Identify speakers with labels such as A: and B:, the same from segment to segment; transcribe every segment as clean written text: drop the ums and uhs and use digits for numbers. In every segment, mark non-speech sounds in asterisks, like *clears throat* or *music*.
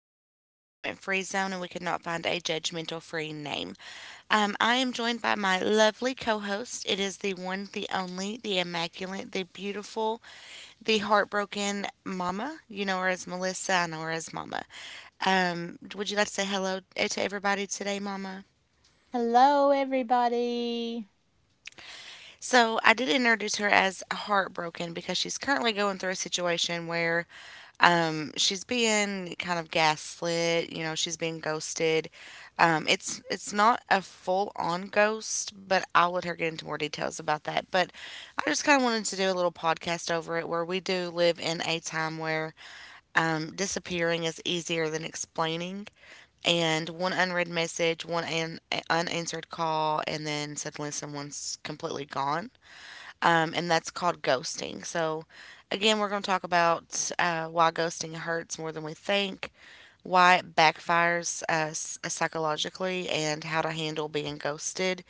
A: because this is a judgment free zone and we could not find a judgmental free name. I am joined by my lovely co host. It is the one, the only, the immaculate, the beautiful, the heartbroken Mama. You know her as Melissa, I know her as Mama. Would you like to say hello to everybody today, Mama?
B: Hello, everybody.
A: So I did introduce her as heartbroken because she's currently going through a situation where she's being kind of gaslit. You know, she's being ghosted. It's not a full on ghost, but I'll let her get into more details about that. But I just kind of wanted to do a little podcast over it where we do live in a time where disappearing is easier than explaining, and one unread message, one an unanswered call, and then suddenly someone's completely gone, and that's called ghosting. So, again, we're going to talk about why ghosting hurts more than we think, why it backfires us psychologically, and how to handle being ghosted,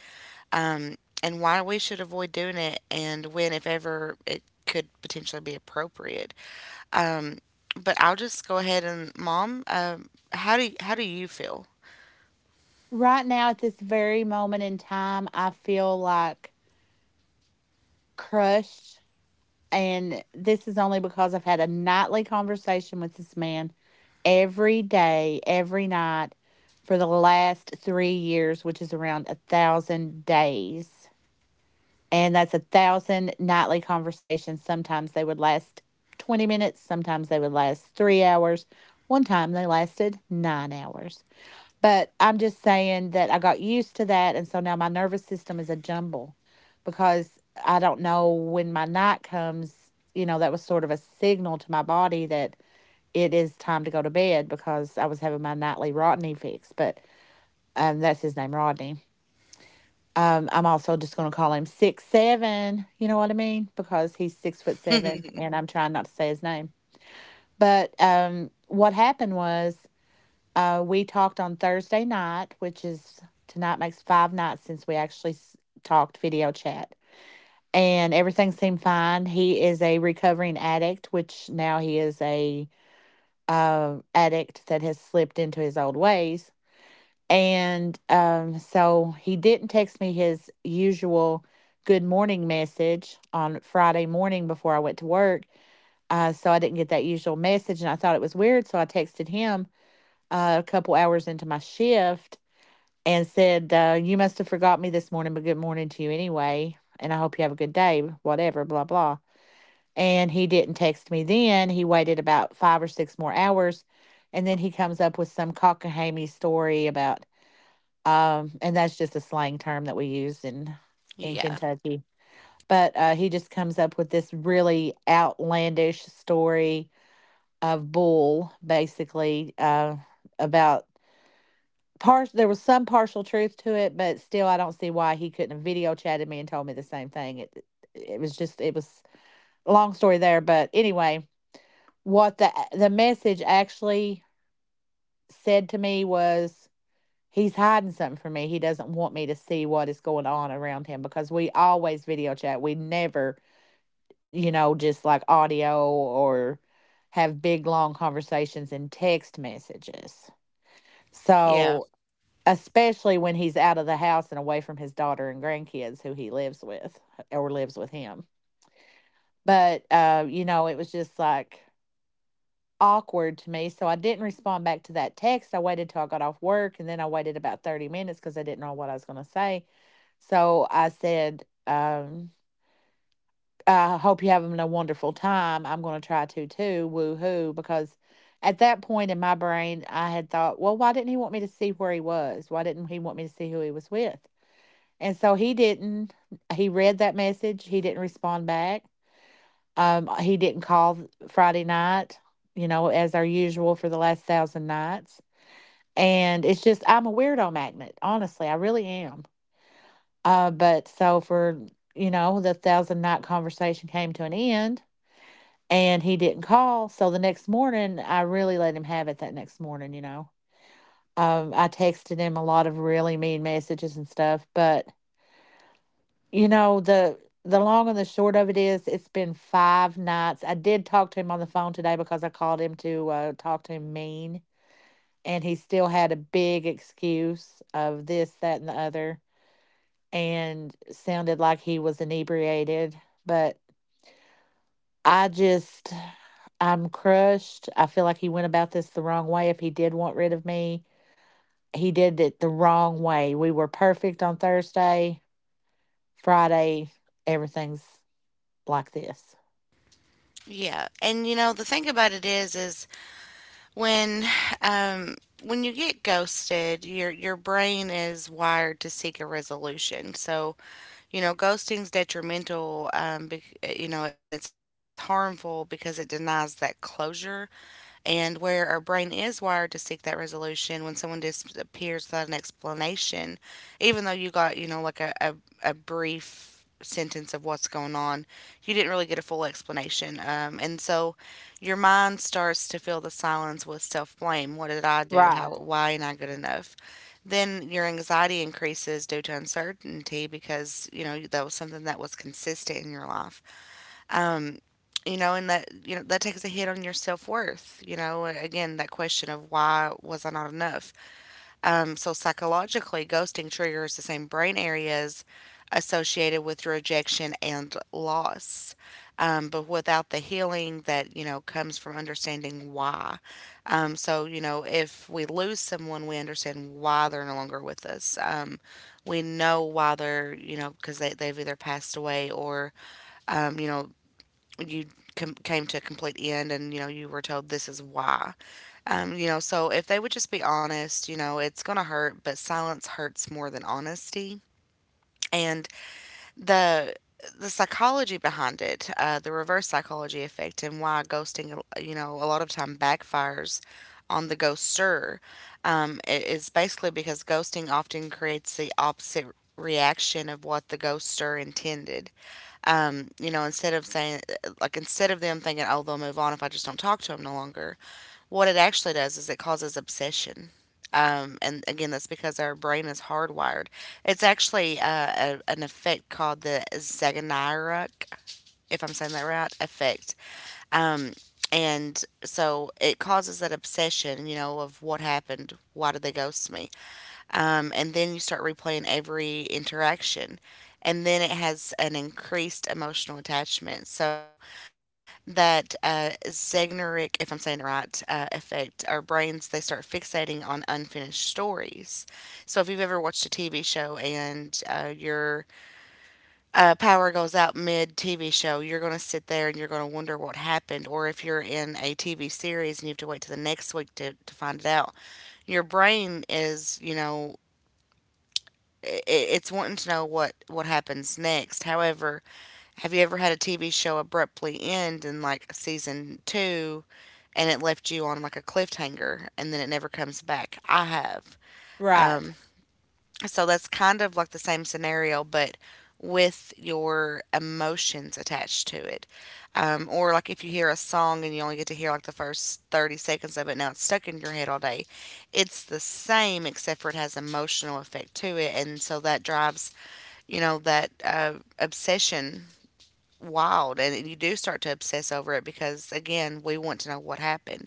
A: um, and why we should avoid doing it, and when, if ever, it could potentially be appropriate. But I'll just go ahead and, Mom, how do you feel?
B: Right now, at this very moment in time, I feel like crushed. And this is only because I've had a nightly conversation with this man every day, every night for the last 3 years, which is around 1,000 days. And that's 1,000 nightly conversations. Sometimes they would last 20 minutes, sometimes they would last 3 hours. One time they lasted 9 hours. But I'm just saying that I got used to that. And so now my nervous system is a jumble because I don't know when my night comes. You know, that was sort of a signal to my body that it is time to go to bed because I was having my nightly Rodney fix. But that's his name, Rodney. I'm also just going to call him 6'7". You know what I mean? Because he's 6 foot seven, and I'm trying not to say his name. But what happened was we talked on Thursday night, which is tonight makes 5 nights since we actually talked video chat. And everything seemed fine. He is a recovering addict, which now he is a addict that has slipped into his old ways. And so he didn't text me his usual good morning message on Friday morning before I went to work. So I didn't get that usual message, and I thought it was weird. So I texted him a couple hours into my shift and said, you must have forgot me this morning, but good morning to you anyway. And I hope you have a good day, whatever, blah, blah. And he didn't text me then. He waited about five or six more hours. And then he comes up with some cockamamie story about, and that's just a slang term that we use in
A: Yeah,
B: Kentucky. But he just comes up with this really outlandish story of bull, basically, about. Part there was some partial truth to it, but still, I don't see why he couldn't have video chatted me and told me the same thing. It was just it was a long story there, but anyway, what the message actually said to me was he's hiding something from me. He doesn't want me to see what is going on around him because we always video chat. We never, you know, just like audio or have big long conversations in text messages.
A: yeah,
B: So especially when he's out of the house and away from his daughter and grandkids who he lives with or lives with him. But, you know, it was just like awkward to me. So I didn't respond back to that text. I waited till I got off work and then I waited about 30 minutes because I didn't know what I was going to say. So I said, I hope you're having a wonderful time. I'm going to try to too. Woo hoo. Because at that point in my brain, I had thought, well, why didn't he want me to see where he was? Why didn't he want me to see who he was with? And so he didn't, he read that message. He didn't respond back. He didn't call Friday night, you know, as our usual for the last 1,000 nights. And it's just, I'm a weirdo magnet. Honestly, I really am. But so for, you know, the 1,000 night conversation came to an end and he didn't call. So the next morning, I really let him have it that next morning, you know. I texted him a lot of really mean messages and stuff, but you know, the long and the short of it is it's been 5 nights. I did talk to him on the phone today because I called him to talk to him mean, and he still had a big excuse of this, that, and the other, and sounded like he was inebriated. But I just, I'm crushed. I feel like he went about this the wrong way. If he did want rid of me, he did it the wrong way. We were perfect on Thursday, Friday, everything's like this.
A: yeah. And you know, the thing about it is when um when you get ghosted, your brain is wired to seek a resolution. So you know, ghosting's detrimental, you know, and it's harmful because it denies that closure, and where our brain is wired to seek that resolution, when someone disappears without an explanation, even though you got, you know, like a brief sentence of what's going on, you didn't really get a full explanation. And so your mind starts to fill the silence with self blame. What did I do? How,
B: Right.
A: why am I good enough? Then your anxiety increases due to uncertainty because, you know, that was something that was consistent in your life. um, you know, and that, you know, that takes a hit on your self worth. You know, again, that question of why was I not enough. So psychologically, ghosting triggers the same brain areas associated with rejection and loss, but without the healing that you know comes from understanding why. So you know, if we lose someone, we understand why they're no longer with us. We know why they're, you know, because they've either passed away, or you know, you came to a complete end and you know you were told this is why. You know, so if they would just be honest, you know, it's going to hurt, but silence hurts more than honesty. And the the psychology behind it, the reverse psychology effect and why ghosting, you know, a lot of time backfires on the ghoster, is basically because ghosting often creates the opposite reaction of what the ghoster intended. You know, instead of saying, like, instead of them thinking, oh, they'll move on if I just don't talk to them no longer, what it actually does is it causes obsession. And again, that's because our brain is hardwired. It's actually an effect called the Zagonarok, if I'm saying that right, effect. Um, and so it causes that obsession, you know, of what happened, why did they ghost me? And then you start replaying every interaction. And then it has an increased emotional attachment. So that Zegneric, if I'm saying it right, effect, our brains, they start fixating on unfinished stories. So if you've ever watched a TV show and your power goes out mid TV show, you're going to sit there and you're going to wonder what happened. Or if you're in a TV series and you have to wait till the next week to find it out, your brain is, you know, it's wanting to know what happens next. However, have you ever had a TV show abruptly end in like season two, and it left you on like a cliffhanger, and then it never comes back? I have.
B: Right.
A: So that's kind of like the same scenario, but with your emotions attached to it. Or like if you hear a song and you only get to hear like the first 30 seconds of it, now it's stuck in your head all day. It's the same except for it has emotional effect to it, and so that drives, you know, that obsession wild, and you do start to obsess over it because again we want to know what happened.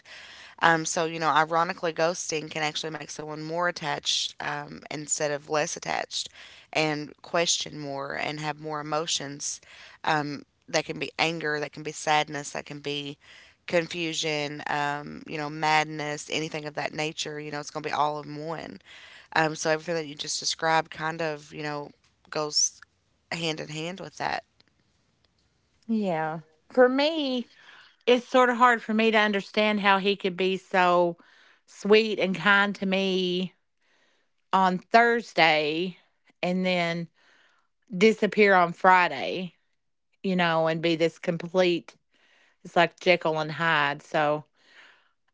A: So you know, ironically, ghosting can actually make someone more attached, instead of less attached, and question more and have more emotions. um that can be anger, that can be sadness, that can be confusion, you know, madness, anything of that nature. You know, it's going to be all in one. So everything that you just described kind of, you know, goes hand in hand with that.
B: Yeah. For me, it's sort of hard for me to understand how he could be so sweet and kind to me on Thursday and then disappear on Friday, you know, and be this complete, it's like Jekyll and Hyde. So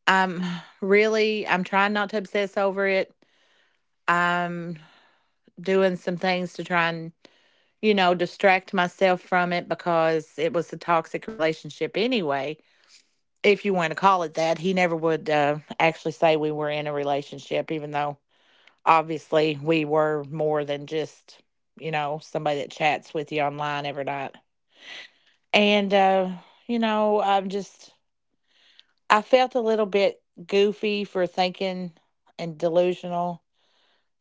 B: I'm *sighs* really, I'm trying not to obsess over it. I'm doing some things to try and, you know, distract myself from it because it was a toxic relationship anyway. If you want to call it that. He never would actually say we were in a relationship, even though obviously we were more than just, you know, somebody that chats with you online every night. And, you know, I felt a little bit goofy for thinking and delusional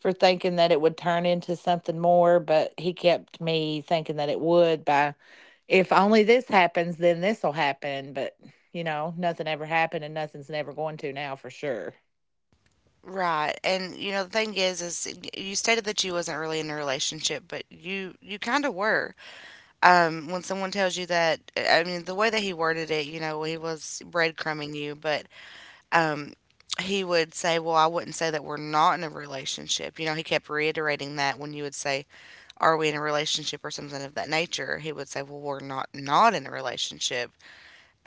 B: for thinking that it would turn into something more, but he kept me thinking that it would by if only this happens, then this will happen. But, you know, nothing ever happened and nothing's never going to now for sure.
A: Right. And you know, the thing is you stated that you wasn't really in a relationship, but you kind of were. When someone tells you that, I mean, the way that he worded it, you know, he was breadcrumbing you, but um he would say, "Well, I wouldn't say that we're not in a relationship." You know, he kept reiterating that when you would say, "Are we in a relationship?" or something of that nature, he would say, "Well, we're not not in a relationship."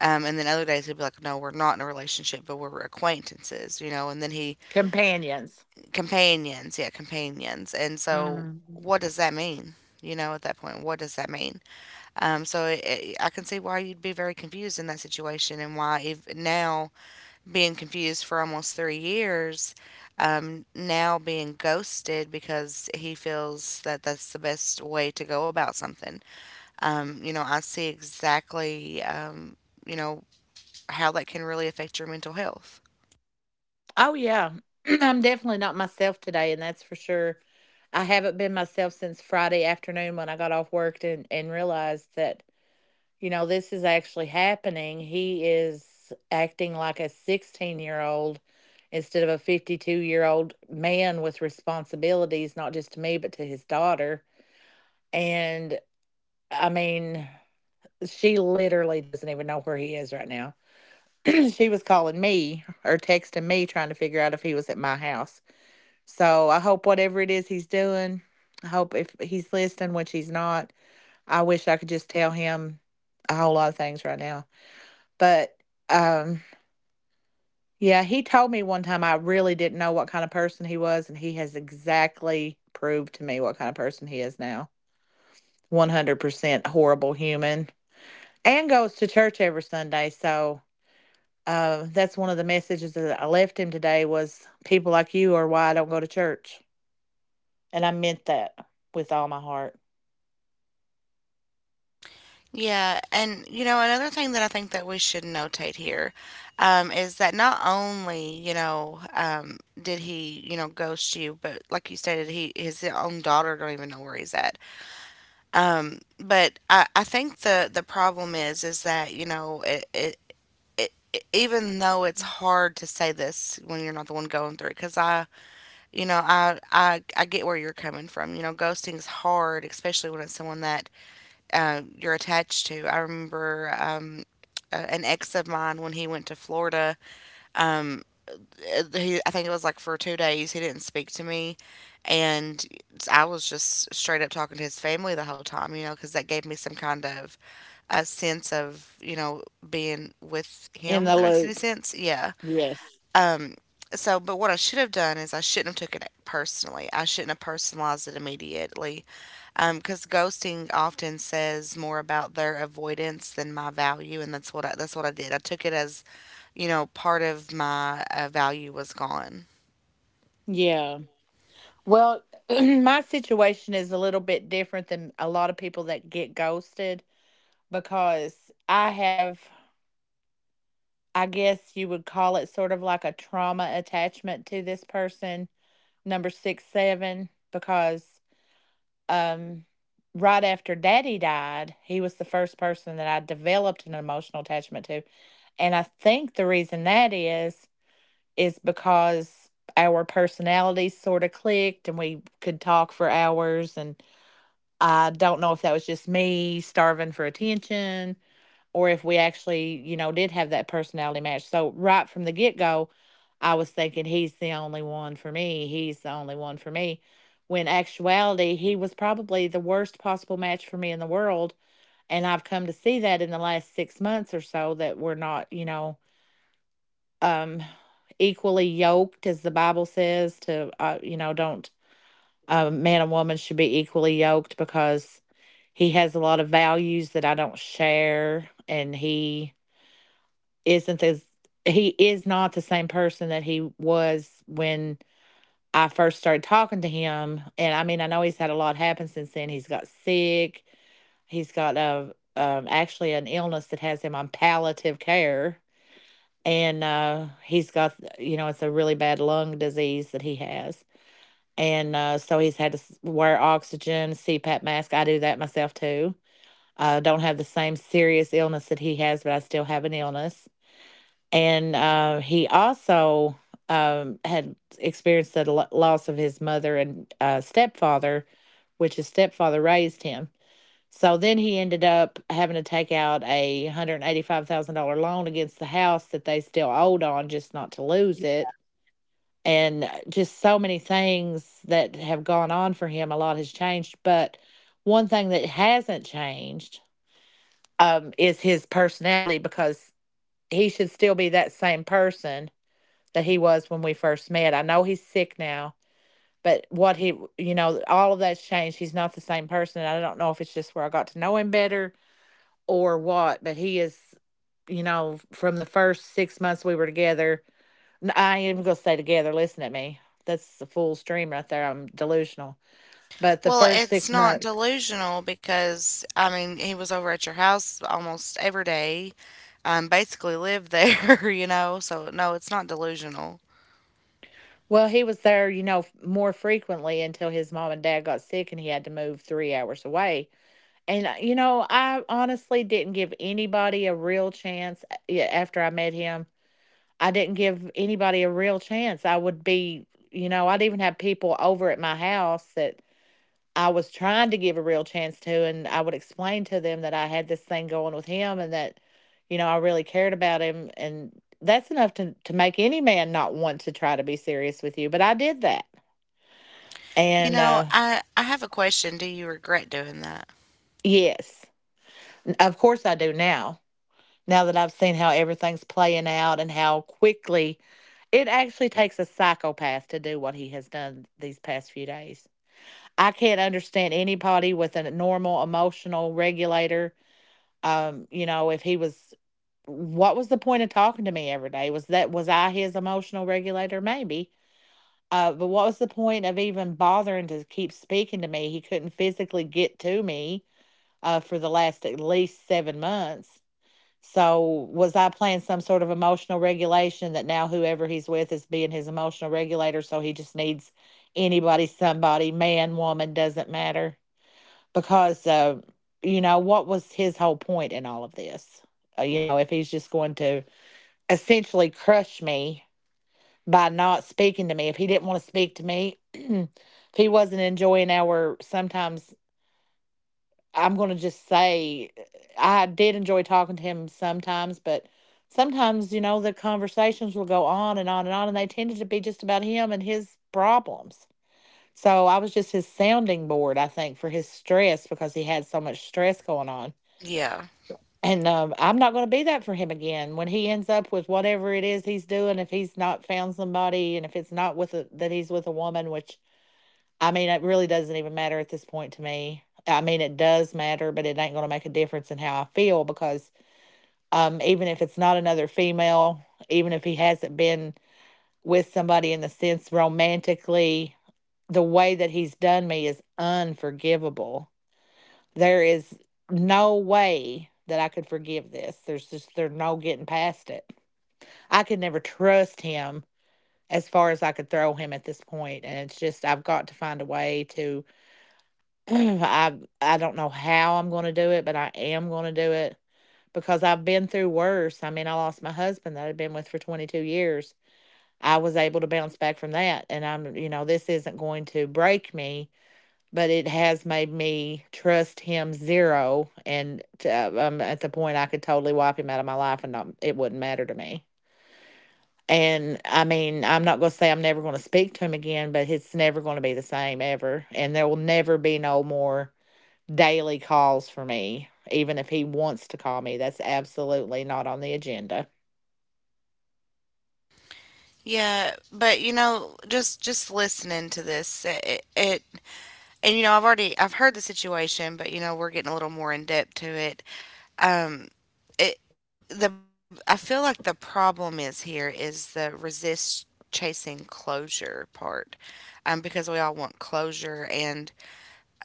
A: And then other days he'd be like, no, we're not in a relationship, but we're acquaintances, you know.
B: Companions.
A: Companions, yeah, companions. And so,
B: Mhm.
A: what does that mean? You know, at that point, what does that mean? I can see why you'd be very confused in that situation, and why ev now being confused for almost 3 years, now being ghosted because he feels that that's the best way to go about something. You know, I see exactly, you know, how that can really affect your mental health.
B: Oh, yeah. *clears throat* I'm definitely not myself today, and that's for sure. I haven't been myself since Friday afternoon when I got off work and realized that, you know, this is actually happening. He is acting like a 16-year-old instead of a 52-year-old man with responsibilities, not just to me, but to his daughter. And I mean, she literally doesn't even know where he is right now. *clears throat* She was calling me or texting me trying to figure out if he was at my house. So I hope whatever it is he's doing, I hope if he's listening, which he's not, I wish I could just tell him a whole lot of things right now. But um yeah, he told me one time I really didn't know what kind of person he was, and he has exactly proved to me what kind of person he is now. 100% horrible human and goes to church every Sunday. So uh, that's one of the messages that I left him today was people like you are why I don't go to church. And I meant that with all my heart.
A: Yeah, and you know, another thing that I think that we should notate here, is that not only, you know, did he, you know, ghost you, but like you stated, he his own daughter don't even know where he's at. I think the problem is that, you know, it- even though it's hard to say this when you're not the one going through it, because I you know, I get where you're coming from. You know, ghosting is hard, especially when it's someone that you're attached to. I remember an ex of mine when he went to Florida. Um, he, I think it was like for 2 days, he didn't speak to me. And I was just straight up talking to his family the whole time, you know, because that gave me some kind of a sense of, you know, being with
B: In
A: him,
B: the
A: if that makes any
B: loop.
A: sense. Yeah.
B: Yes.
A: Um, so, but what I should have done is I shouldn't have taken it personally. I shouldn't have personalized it immediately. Because ghosting often says more about their avoidance than my value, and that's what that's what I did. I took it as, you know, part of my value was gone.
B: Yeah. Well, *clears throat* my situation is a little bit different than a lot of people that get ghosted because I have I guess you would call it sort of like a trauma attachment to this person, number 6'7", because um, right after daddy died, he was the first person that I developed an emotional attachment to. And I think the reason that is because our personalities sort of clicked and we could talk for hours. And I don't know if that was just me starving for attention or if we actually, you know, did have that personality match. So right from the get go, I was thinking he's the only one for me. He's the only one for me. When actuality, he was probably the worst possible match for me in the world. And I've come to see that in the last 6 months or so that we're not, you know, um, equally yoked, as the Bible says, to, you know, don't, a man and woman should be equally yoked because he has a lot of values that I don't share. And he, isn't as he is not the same person that he was when I first started talking to him. And I mean, I know he's had a lot happen since then. He's got sick. He's got a actually an illness that has him on palliative care, and he's got you know it's a really bad lung disease that he has, and so he's had to wear oxygen, CPAP mask. I do that myself too. I don't have the same serious illness that he has, but I still have an illness and he also had experienced the loss of his mother and stepfather, which his stepfather raised him. So then he ended up having to take out a $185,000 loan against the house that they still owed on, just not to lose it. And just so many things that have gone on for him. A lot has changed, but one thing that hasn't changed is his personality because he should still be that same person that he was when we first met. I know he's sick now, but what he, you know, all of that's changed. He's not the same person. And I don't know if it's just where I got to know him better or what, but he is, you know, from the first 6 months we were together. I am going to say together, listen at me. That's the full stream right there. I'm delusional. But the
A: Well,
B: first
A: it's
B: six
A: not
B: months,
A: delusional because I mean he was over at your house almost every day, basically lived there, *laughs* you know. So no, it's not delusional.
B: well, he was there, more frequently until his mom and dad got sick and he had to move 3 hours away. And, you know, I honestly didn't give anybody a real chance a yeah, after I met him. I didn't give anybody a real chance. I would be, you know, I'd even have people over at my house that I was trying to give a real chance to, and I would explain to them that I had this thing going with him and that, you know, I really cared about him, and that's enough to make any man not want to try to be serious with you, but I did that.
A: You
B: And,
A: know,
B: uh
A: I have a question. Do you regret doing that?
B: yes, of course I do now. Now that I've seen how everything's playing out and how quickly it actually takes a psychopath to do what he has done these past few days. I can't understand anybody with a normal emotional regulator. You know, if he was, what was the point of talking to me every day? Was that, was I his emotional regulator? Maybe. But what was the point of even bothering to keep speaking to me? He couldn't physically get to me for the last at least 7 months. So was I playing some sort of emotional regulation that now whoever he's with is being his emotional regulator? So he just needs anybody, somebody, man, woman, doesn't matter. Because, you know, what was his whole point in all of this? You know, if he's just going to essentially crush me by not speaking to me, if he didn't want to speak to me, *clears throat* if he wasn't enjoying our sometimes, I'm going to just say I did enjoy talking to him sometimes, but sometimes, you know, the conversations will go on and on and on, and they tended to be just about him and his problems. So I was just his sounding board, I think, for his stress because he had so much stress going on.
A: Yeah,
B: And I'm not going to be that for him again. When he ends up with whatever it is he's doing, if he's not found somebody and if it's not with a, that he's with a woman, which, I mean, it really doesn't even matter at this point to me. I mean, it does matter, but it ain't going to make a difference in how I feel because, even if it's not another female, even if he hasn't been with somebody in the sense romantically, the way that he's done me is unforgivable. There is no way that I could forgive this. There's no getting past it. I could never trust him as far as I could throw him at this point, and it's just I've got to find a way to *clears throat* I I don't know how I'm gonna do it, but I am gonna do it because I've been through worse. I mean, I lost my husband that I'd been with for 22 years. I was able to bounce back from that, and I'm, you know, this isn't going to break me, but it has made me trust him zero. I'm at the point I could totally wipe him out of my life, and not, it wouldn't matter to me. And I mean, I'm not going to say I'm never going to speak to him again, but it's never going to be the same ever. And there will never be no more daily calls for me, even if he wants to call me. That's absolutely not on the agenda.
A: yeah, but you know, just listening to this, it and you know, I've already I've heard the situation, but you know, we're getting a little more in depth to it. Um, it the I feel like the problem is here is the resist chasing closure part, because we all want closure, and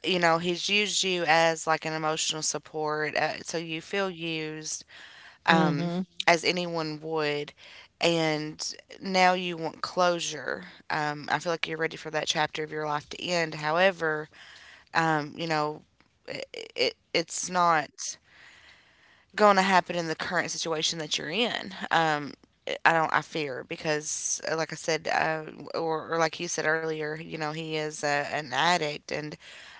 A: you know, he's used you as like an emotional support, so you feel used
B: Hmm.
A: as anyone would. And now you want closure. I feel like you're ready for that chapter of your life to end. However, you know, it, it's not going to happen in the current situation that you're in. I don't. I fear because, like I said, or like you said earlier, you know, he is an addict, and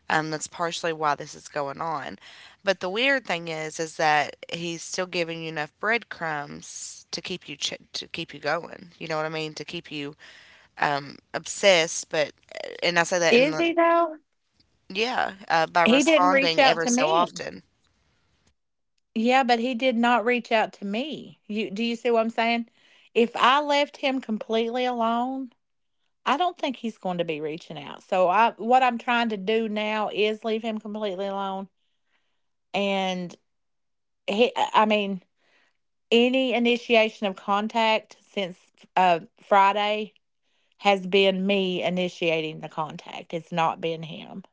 A: that's partially why this is going on. But the weird thing is that he's still giving you enough breadcrumbs to keep you to keep you going. You know what I mean? To keep you obsessed. But and I say that
B: Is
A: in
B: he though?
A: yeah, by
B: He didn't reach
A: responding
B: out
A: every
B: to
A: so
B: me.
A: often.
B: Yeah, but he did not reach out to me. You do you see what I'm saying? If I left him completely alone, I don't think he's going to be reaching out. So I what I'm trying to do now is leave him completely alone, and he I mean any initiation of contact since Friday has been me initiating the contact. It's not been him.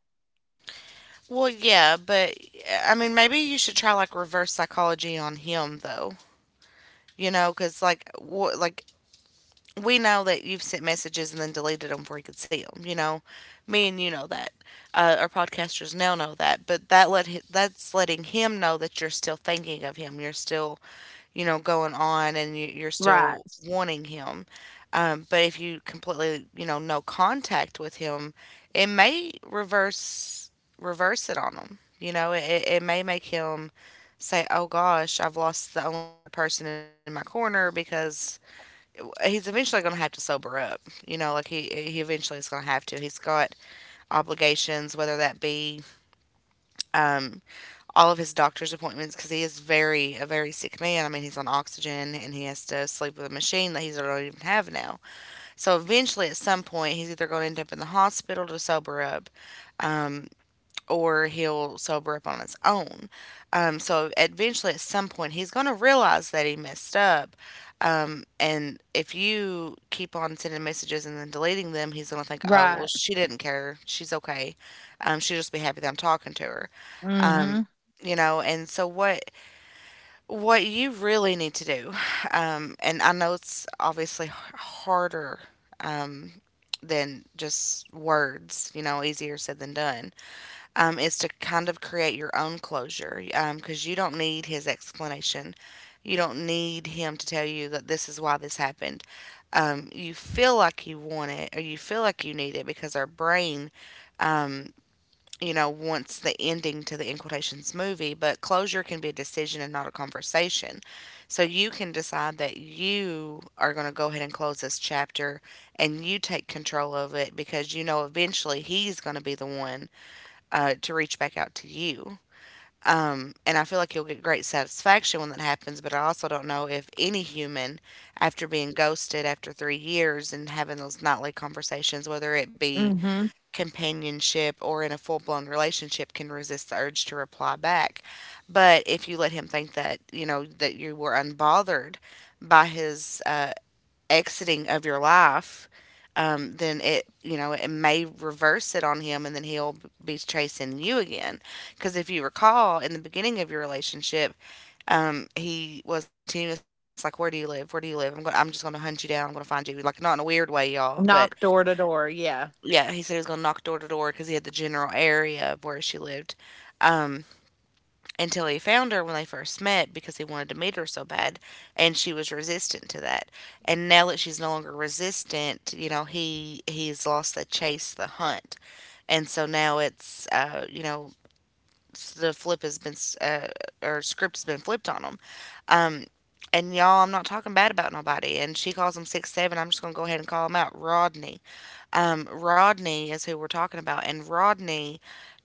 A: Well, yeah, but I mean, maybe you should try like reverse psychology on him, though. You know, because like we know that you've sent messages and then deleted them before you could see them. You know, me and you know that. Our podcasters now know that, but that's letting him know that you're still thinking of him. You're still going on and you're
B: Right.
A: still wanting him. But if you completely, you know, no contact with him, it may reverse it on him. You know, it may make him say, "Oh gosh, I've lost the only other person in my corner," because he's eventually going to have to sober up. You know, he eventually is going to have to. He's got obligations, whether that be um, all of his doctor's appointments because he is very a very sick man. I mean, he's on oxygen and he has to sleep with a machine that he don't even have now. So eventually, at some point, he's either going to end up in the hospital to sober up, um, or he'll sober up on his own. So eventually, at some point, he's going to realize that he messed up. And if you keep on sending messages and then deleting them, he's gonna think, oh, well,
B: Right.
A: she didn't care. She's okay. She'll just be happy that I'm talking to her um,
B: Mm
A: you know and what you really need to do *sighs* and I know it's harder um, than just words, you know, easier said than done, is to kind of create your own closure, um, because you don't need his explanation. You don't need him to tell you that this is why this happened. You feel like you want it or you feel like you need it because our brain, um, you know, wants the ending to the, in quotations, movie, but closure can be a decision and not a conversation. So you can decide that you are going to go ahead and close this chapter and you take control of it because you know eventually he's going to be the one to reach back out to you. And I feel like you'll get great satisfaction when that happens, but I also don't know if any human, after being ghosted after 3 years and having those nightly conversations, whether it
B: hmm.
A: be
B: Mm hmm.
A: companionship or in a full blown relationship, can resist the urge to reply back. But if you let him think that, you know, that you were unbothered by his exiting of your life, then you know, it may reverse it on him and then he'll be chasing you again. Because if you recall, in the beginning of your relationship, he was continuous, like, where do you live? Where do you live? I'm just going to hunt you down. I'm going to find you. Like, not in a weird way, y'all, but
B: Knock door to door. Yeah.
A: yeah, he said he was gonna knock door to door because he had the general area of where she lived. Um, until he found her when they first met because he wanted to meet her so bad, and she was resistant to that. And now that she's no longer resistant, you know he's lost the chase, the hunt, and so now it's you know the flip has been uh, or script has been flipped on him. Um, and y'all, I'm not talking bad about nobody. And she calls him six seven. I'm just gonna go ahead and call him out. Rodney, Rodney is who we're talking about. And Rodney,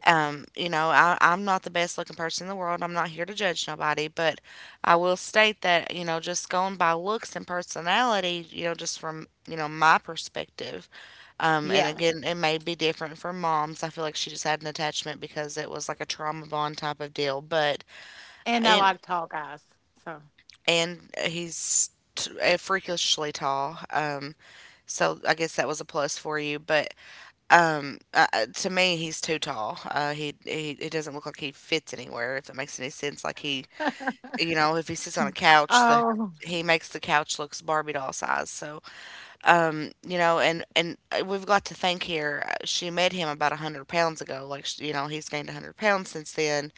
A: you know, I'm not the best looking person in the world. I'm not here to judge nobody, but I will state that you know, just going by looks and personality, you know, just from you know my perspective, and
B: Yeah.
A: again, it may be different for moms. I feel like she just had an attachment because it was like a trauma bond type of deal, but
B: And I
A: and
B: like tall guys. So,
A: and he's freakishly tall. So I guess that was a plus for you. But to me, he's too tall. He doesn't look like he fits anywhere. If that makes any sense, like you know, if he sits on a
B: *laughs*
A: couch, the
B: oh,
A: he makes the couch looks Barbie doll size. So, you know, and we've got to think here. She met him about 100 pounds ago. You know, he's gained 100 pounds since then.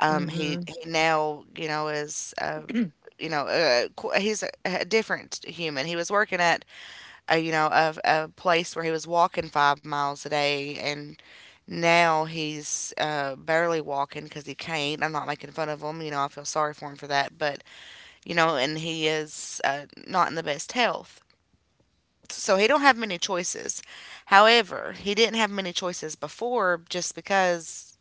A: He
B: mm
A: now you know is
B: hmm. *clears throat*
A: you know, he's a different human. He was working at you know, of a place where he was walking 5 miles a day, and now he's barely walking because he can't. I'm not making fun of him, you know, I feel sorry for him for that, but you know, and he is not in the best health. So he don't have many choices. However, he didn't have many choices before just because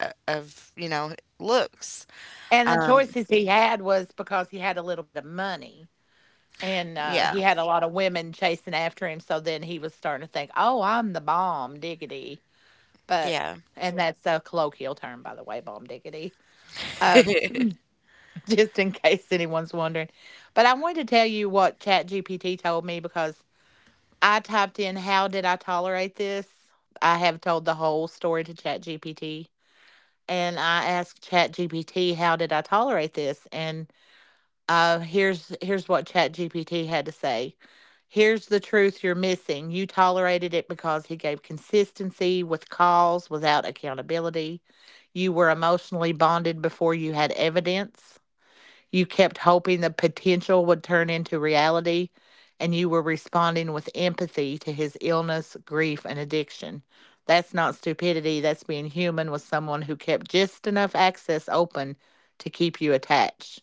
A: of, you know, looks.
B: And the
A: Um,
B: choices he had was because he had a little bit of money.
A: yeah,
B: And, he had a lot of women chasing after him, so then he was starting to think, "Oh, I'm the bomb diggity," but
A: yeah,
B: and that's a colloquial term, by the way, bomb diggity, um, *laughs* just in case anyone's wondering. But I wanted to tell you what ChatGPT told me because I typed in, "How did I tolerate this?" I have told the whole story to ChatGPT, and I asked ChatGPT, "How did I tolerate this?" Here's what ChatGPT had to say. Here's the truth you're missing. You tolerated it because he gave consistency with calls without accountability. You were emotionally bonded before you had evidence. You kept hoping the potential would turn into reality, and you were responding with empathy to his illness, grief, and addiction. That's not stupidity. That's being human with someone who kept just enough access open to keep you attached.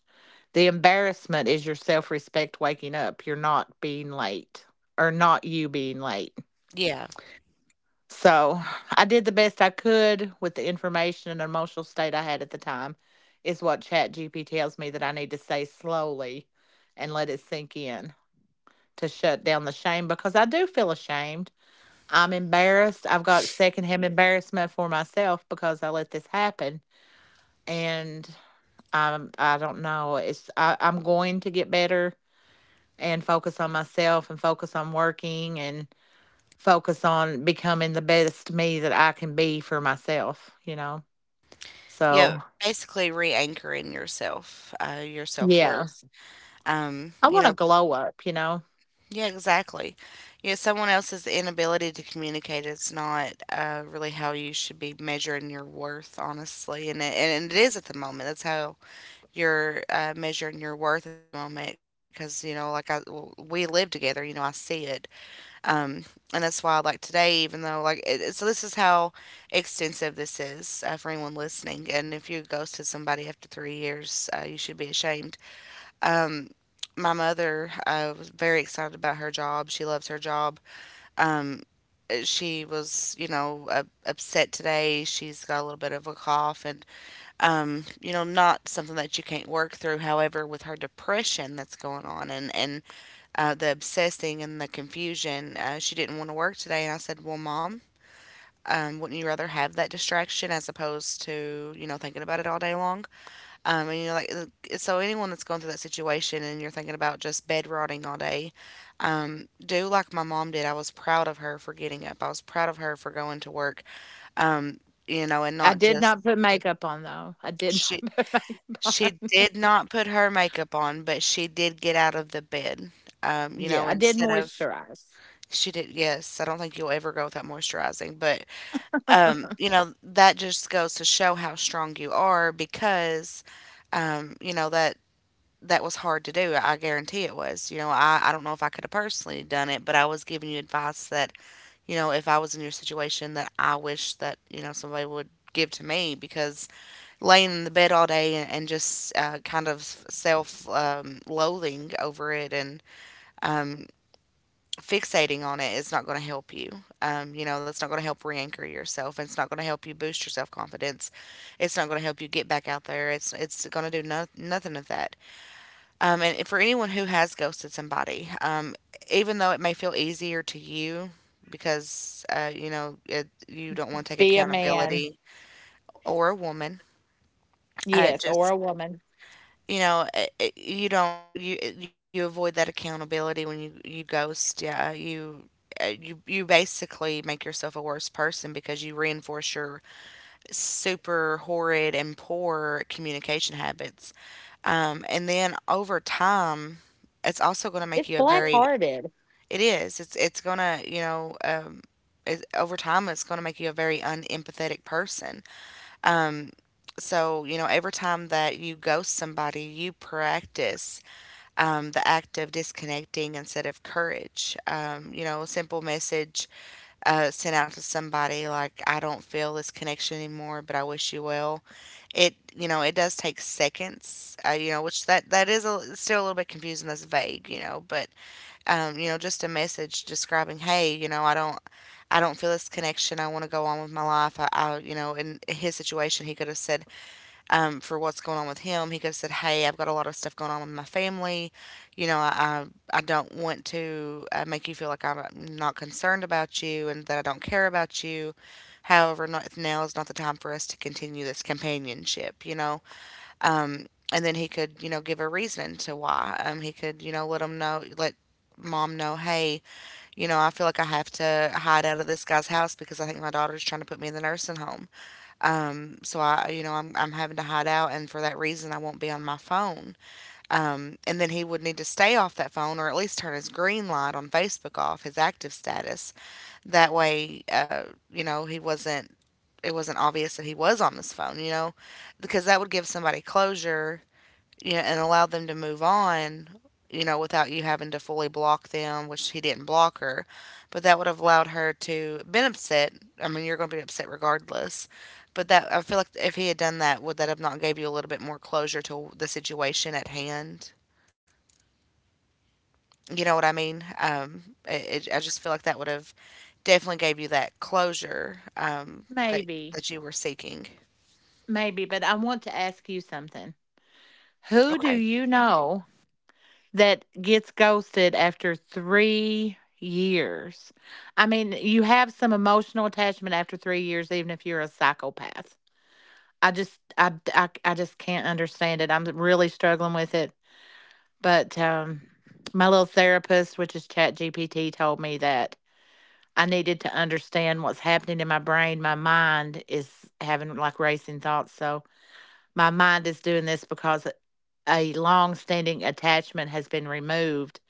B: The embarrassment is your self respect waking up. You're not being late or not you being late.
A: yeah,
B: So *sighs* I did the best I could with the information and emotional state I had at the time, is what ChatGPT tells me that I need to say slowly and let it sink in to shut down the shame because I do feel ashamed. I'm embarrassed. I've got secondhand embarrassment for myself because I let this happen. And I don't know. I'm going to get better and focus on myself and focus on working and focus on becoming the best me that I can be for myself, you know?
A: yeah.
B: So,
A: Basically, re-anchoring yourself, your self
B: yeah,
A: worth.
B: I
A: You
B: want to
A: know,
B: glow up, you know?
A: yeah, exactly. Yeah, someone else's inability to communicate is not really how you should be measuring your worth, honestly. And it is at the moment. That's how you're measuring your worth at the moment. Because, you know, we live together, you know, I see it. Um, and that's why, like today, even though, so this is how extensive this is for anyone listening. And if you ghosted somebody after 3 years, you should be ashamed. Um, my mother was very excited about her job. She loves her job. Um, she was, you know, upset today. She's got a little bit of a cough, and you know, not something that you can't work through. However, with her depression that's going on, and the obsessing and the confusion, she didn't want to work today. And I said, "Well, mom. Wouldn't you rather have that distraction as opposed to you know thinking about it all day long?" And you know, so, anyone that's going through that situation and you're thinking about just bed rotting all day, do like my mom did. I was proud of her for getting up. I was proud of her for going to work. Um, you know, and
B: I
A: not
B: did
A: just
B: not put makeup on though. I did
A: she
B: not *laughs* put makeup on.
A: she did not put her makeup on, but she did get out of the bed.
B: *laughs*
A: You
B: Yeah,
A: know,
B: I did
A: instead of
B: moisturize.
A: she did yes, I don't think you'll ever go without moisturizing, but you know, that just goes to show how strong you are because you know, that was hard to do. I guarantee it was. You know, I don't know if I could have personally done it, but I was giving you advice that, you know, if I was in your situation, that I wish that, you know, somebody would give to me because laying in the bed all day and just kind of self, loathing over it and um, fixating on it is not going to help you. You know, that's not going to help re anchor yourself and it's not going to help you boost your self confidence. It's not going to help you get back out there. It's going to do nothing of that. And for anyone who has ghosted somebody, even though it may feel easier to you because you know you don't want to take
B: Be a man.
A: accountability, or a woman,
B: Yes, or
A: just
B: a woman.
A: you know you don't you avoid that accountability when you ghost. Yeah, you. You you basically make yourself a worse person because you reinforce your super horrid and poor communication habits, and then over time, it's also going to make
B: It's
A: you a
B: black
A: very
B: hearted.
A: It is. It's gonna, you know, it, over time, it's gonna make you a very unempathetic person. Um, so you know, every time that you ghost somebody, you practice the act of disconnecting instead of courage. You know, a simple message sent out to somebody like, "I don't feel this connection anymore, but I wish you well." It, you know, it does take seconds. You know, which that is a, still a little bit confusing. That's vague. You know, but you know, just a message describing, hey, you know, I don't feel this connection. I want to go on with my life. In his situation, he could have said, for what's going on with him, he could have said, "Hey, I've got a lot of stuff going on with my family. You know, I don't want to make you feel like I'm not concerned about you and that I don't care about you. However, not, now is not the time for us to continue this companionship, you know?" Um, and then he could, give a reason to why. He could, let him know, let Mom know, "Hey, I feel like I have to hide out of this guy's house because I think my daughter's trying to put me in the nursing home. So I, you know, I'm having to hide out, and for that reason, I won't be on my phone. And then he would need to stay off that phone or at least turn his green light on Facebook off, his active status." That way, he wasn't. It wasn't obvious that he was on this phone, because that would give somebody closure, and allowed them to move on, without you having to fully block them, which he didn't block her, but that would have allowed her to been upset. I mean, you're going to be upset regardless, but that, I feel like if he had done that, would that have not gave you a little bit more closure to the situation at hand? You know what I mean? I just feel like that would have definitely gave you that closure that
B: Maybe.
A: that you were seeking.
B: Maybe, but I want to ask you something. Who do
A: Okay.
B: you know that gets ghosted after 3 years. I mean, you have some emotional attachment after 3 years, even if you're a psychopath. I just can't understand it. I'm really struggling with it. But my little therapist, which is ChatGPT, told me that I needed to understand what's happening in my brain. My mind is having like racing thoughts. So my mind is doing this because a long standing attachment has been removed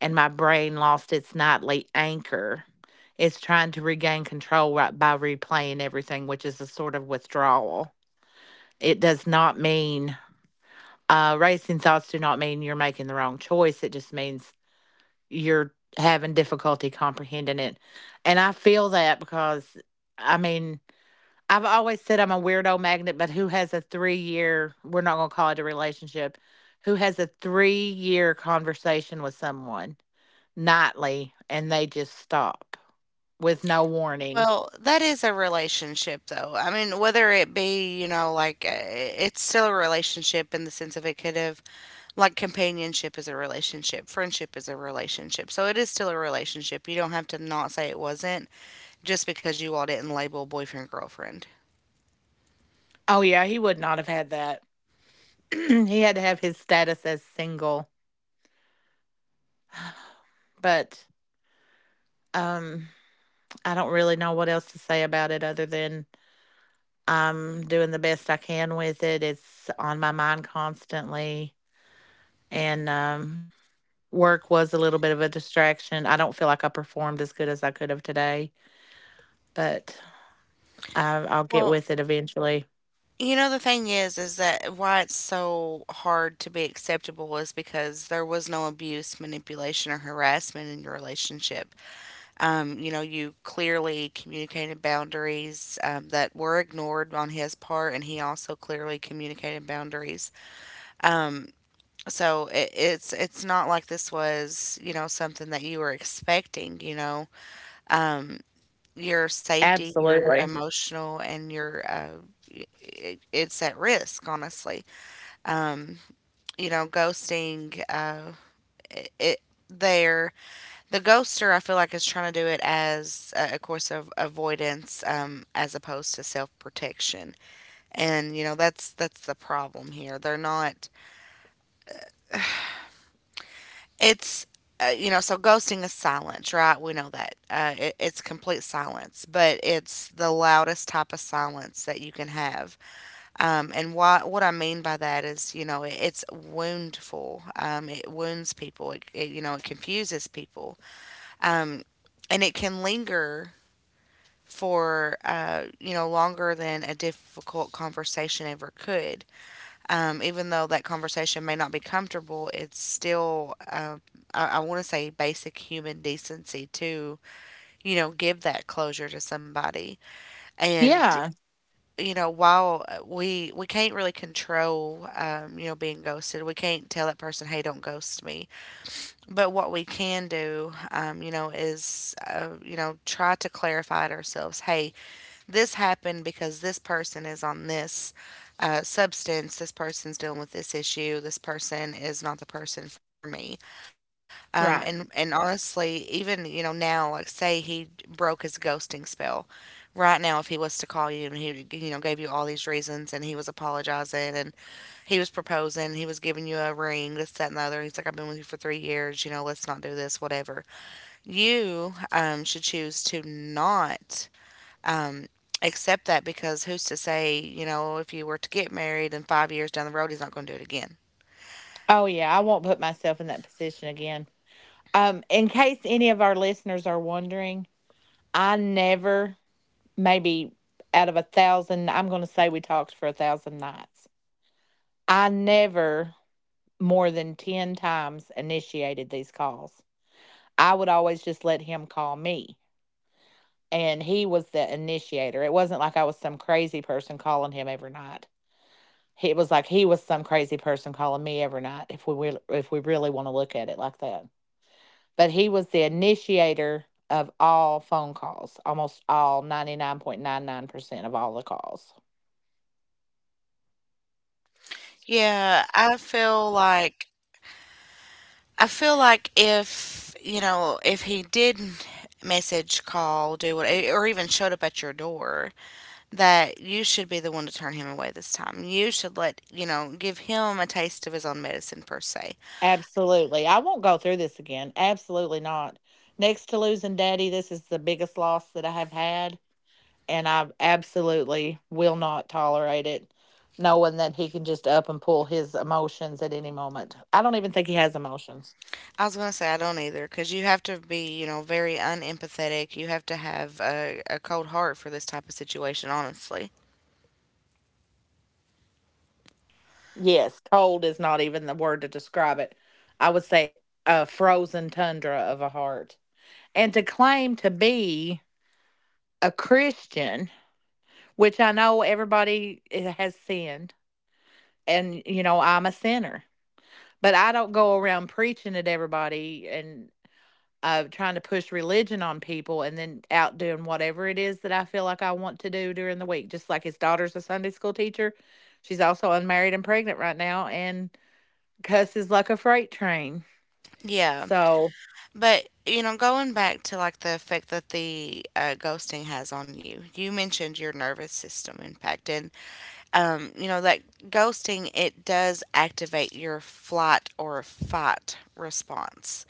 B: and my brain lost its nightly anchor. It's trying to regain control right by replaying everything, which is a sort of withdrawal. It does not mean racing thoughts do not mean you're making the wrong choice. It just means you're having difficulty comprehending it. And I feel that because I mean, I've always said I'm a weirdo magnet, but who has a 3 year, we're not going to call it a relationship, who has a 3 year conversation with someone nightly and they just stop with no warning.
A: Well, that is a relationship, though. I mean, whether it be, like, it's still a relationship in the sense of it could have, like, companionship is a relationship, friendship is a relationship. So it is still a relationship. You don't have to not say it wasn't just because you all didn't label boyfriend, girlfriend.
B: Oh yeah, he would not have had that. *clears throat* He had to have his status as single. But um I don't really know what else to say about it other than I'm doing the best I can with it. It's on my mind constantly, and work was a little bit of a distraction. I don't feel like I performed as good as I could have today, but I'll get
A: Well,
B: with it eventually.
A: the thing is that why it's so hard to be acceptable is because there was no abuse, manipulation, or harassment in your relationship. You clearly communicated boundaries that were ignored on his part, and he also clearly communicated boundaries. Um, so it's not like this was something that you were expecting. Um, your safety, your
B: Absolutely.
A: emotional, and your y- it's at risk. Honestly, um, ghosting it, it there the ghoster, I feel like, is trying to do it as a course of avoidance, as opposed to self protection, and that's the problem here. They're not. It's so ghosting is silence, right? We know that. It's complete silence, but it's the loudest type of silence that you can have. What I mean by that is, it's woundful. It wounds people. It confuses people. Um, and it can linger for longer than a difficult conversation ever could. Even though that conversation may not be comfortable, it's still, I want to say basic human decency to give that closure to somebody. And
B: Yeah,
A: while we can't really control being ghosted. We can't tell that person, "Hey, don't ghost me." But what we can do, is try to clarify it ourselves. "Hey, this happened because this person is on this substance. This person's dealing with this issue. This person is not the person for me." Um,
B: right.
A: and and honestly, even now, like, say he broke his ghosting spell. Right now, if he was to call you and he gave you all these reasons, and he was apologizing, and he was proposing, he was giving you a ring, this, that, and the other. He's like, "I've been with you for 3 years. You know, let's not do this," whatever. You should choose to not um, accept that, because who's to say, if you were to get married and 5 years down the road, he's not gonna do it again.
B: Oh yeah, I won't put myself in that position again. In case any of our listeners are wondering, I never, maybe out of a thousand, I'm going to say we talked for a thousand nights. I never more than 10 times initiated these calls. I would always just let him call me, and he was the initiator. It wasn't like I was some crazy person calling him every night. He- It was like he was some crazy person calling me every night. If we will, if we really want to look at it like that, but he was the initiator of all phone calls, almost all 99.99% of all the calls.
A: Yeah, I feel like if, if he did message, call, do what, or even showed up at your door, that you should be the one to turn him away this time. You should let, give him a taste of his own medicine, per se.
B: Absolutely. I won't go through this again. Absolutely not. Next to losing daddy, this is the biggest loss that I have had. And I absolutely will not tolerate it, knowing that he can just up and pull his emotions at any moment. I don't even think he has emotions.
A: I was gonna say I don't either, because you have to be, very unempathetic. You have to have a cold heart for this type of situation, honestly.
B: Yes, cold is not even the word to describe it. I would say a frozen tundra of a heart, and to claim to be a Christian, which I know everybody has sinned, and you know I'm a sinner, but I don't go around preaching at everybody and trying to push religion on people, and then out doing whatever it is that I feel like I want to do during the week. Just like his daughter's a Sunday school teacher, she's also unmarried and pregnant right now, and cusses like a freight train.
A: Yeah,
B: So,
A: but going back to, like, the effect that the ghosting has on you. You mentioned your nervous system impact, and you know that ghosting, it does activate your flight or fight response.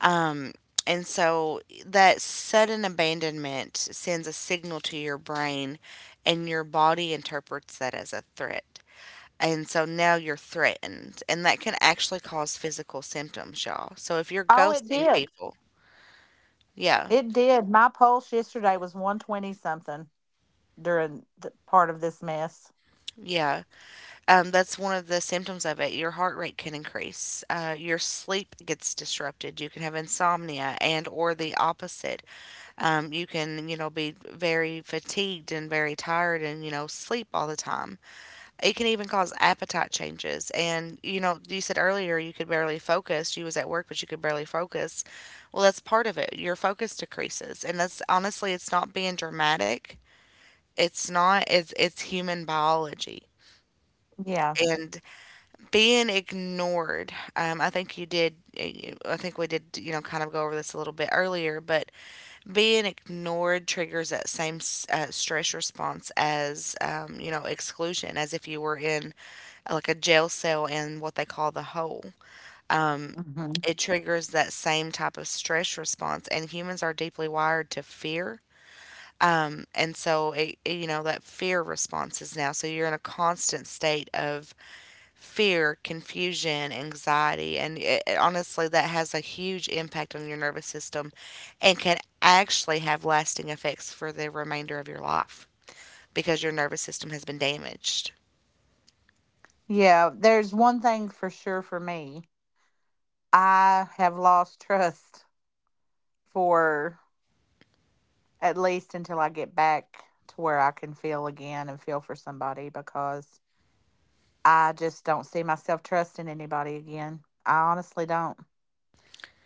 A: Um, and so that sudden abandonment sends a signal to your brain, and your body interprets that as a threat. And so now you're threatened, and that can actually cause physical symptoms, y'all. So if you're
B: oh, it
A: ghosting
B: did.
A: people, yeah,
B: It did. My pulse yesterday was 120 something, during the part of this mess.
A: yeah, that's one of the symptoms of it. Your heart rate can increase, your sleep gets disrupted. You can have insomnia and or the opposite. You can, be very fatigued and very tired and, sleep all the time. It can even cause appetite changes. And, you said earlier you could barely focus. You was at work, but you could barely focus. Well, that's part of it. Your focus decreases. And that's, honestly, it's not being dramatic. It's not, It's human biology.
B: Yeah.
A: And being ignored, I think we did, kind of go over this a little bit earlier, but being ignored triggers that same stress response as exclusion, as if you were in like a jail cell, in what they call the hole um,
B: hmm
A: it triggers that same type of stress response, and humans are deeply wired to fear, and so that fear response is now, so you're in a constant state of fear, confusion, anxiety, and honestly, that has a huge impact on your nervous system and can actually have lasting effects for the remainder of your life, because your nervous system has been damaged.
B: Yeah. There's one thing for sure for me. I have lost trust for, at least until I get back to where I can feel again and feel for somebody, because I just don't see myself trusting anybody again. I honestly don't.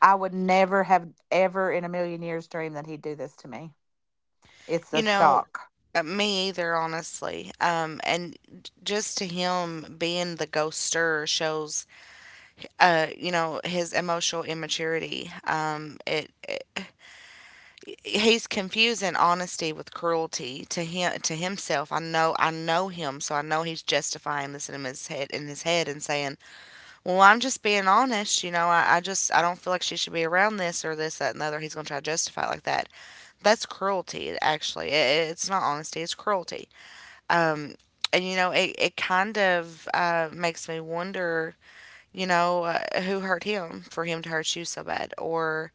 B: I would never have ever in a million years dreamed that he'd do this to me. It's
A: You
B: a
A: know,
B: shock.
A: Me either, honestly. Just to him being the ghoster shows, his emotional immaturity. It He's confusing honesty with cruelty to him, to himself. I know him, so I know he's justifying this in his head and saying, "Well, I'm just being honest. You know, I don't feel like she should be around this, or this, that, and the other." He's gonna try to justify it like that. That's cruelty. Actually, it's not honesty. It's cruelty. And it kind of makes me wonder. Who hurt him for him to hurt you so bad? Or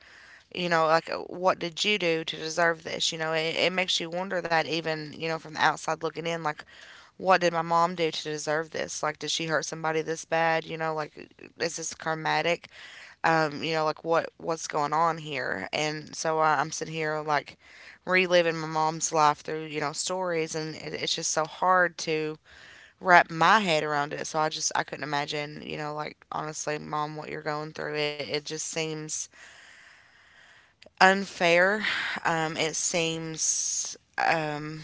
A: like, what did you do to deserve this? It makes you wonder that, even from the outside looking in, like, what did my mom do to deserve this? Like, did she hurt somebody this bad? Like, is this karmatic? Like, what's going on here? And so I'm sitting here, like, reliving my mom's life through stories, and it's just so hard to wrap my head around it. So i couldn't imagine, like, honestly, Mom, what you're going through, it just seems unfair. It seems.